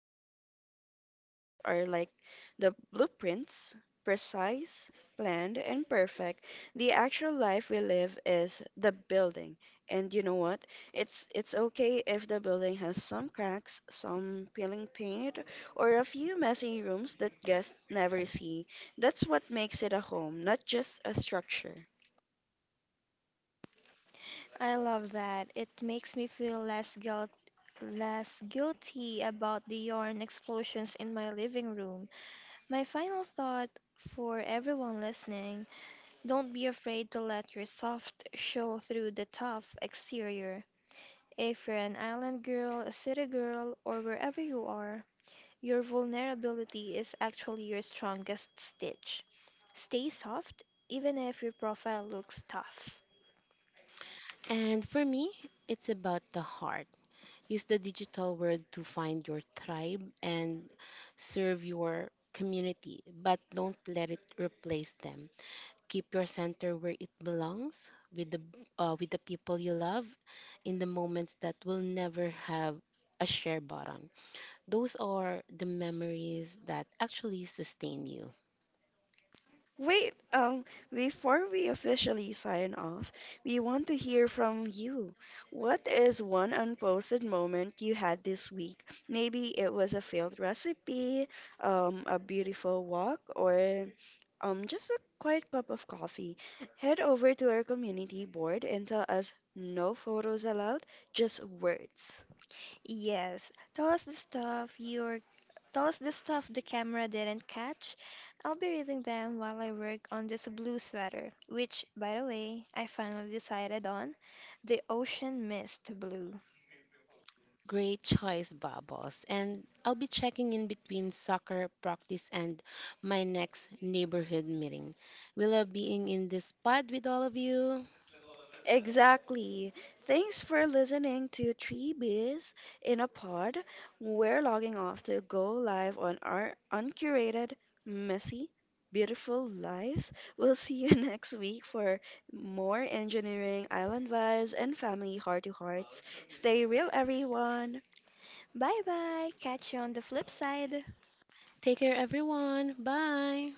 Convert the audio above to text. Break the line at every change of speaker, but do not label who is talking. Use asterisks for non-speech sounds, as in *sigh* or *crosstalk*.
our online profiles are like the blueprints, precise, planned, and perfect, the actual life we live is the building. And you know what? It's okay if the building has some cracks, some peeling paint, or a few messy rooms that guests never see. That's what makes it a home, not just a structure.
I love that. It makes me feel less guilty about the yarn explosions in my living room. My final thought for everyone listening, don't be afraid to let your soft show through the tough exterior. If you're an island girl, a city girl, or wherever you are, your vulnerability is actually your strongest stitch. Stay soft, even if your profile looks tough.
And for me, it's about the heart. Use the digital world to find your tribe and serve your community, but don't let it replace them. Keep your center where it belongs, with the people you love, in the moments that will never have a share button. Those are the memories that actually sustain you.
Wait, before we officially sign off, we want to hear from you. What is one unposted moment you had this week? Maybe it was a failed recipe, a beautiful walk, or just a quiet cup of coffee. Head over to our community board and tell us no photos allowed, just words.
Yes, tell us the stuff you're Those the stuff the camera didn't catch. I'll be reading them while I work on this blue sweater, which, by the way, I finally decided on the ocean mist blue.
Great choice, Bubbles. And I'll be checking in between soccer practice and my next neighborhood meeting. We love being in this pod with all of you.
Exactly. Thanks for listening to Three Bees in a Pod. We're logging off to go live on our uncurated, messy, beautiful lives. We'll see you *laughs* next week for more engineering, island vibes, and family heart to hearts. Stay real, everyone.
Bye bye, catch you on the flip side.
Take care, everyone. Bye.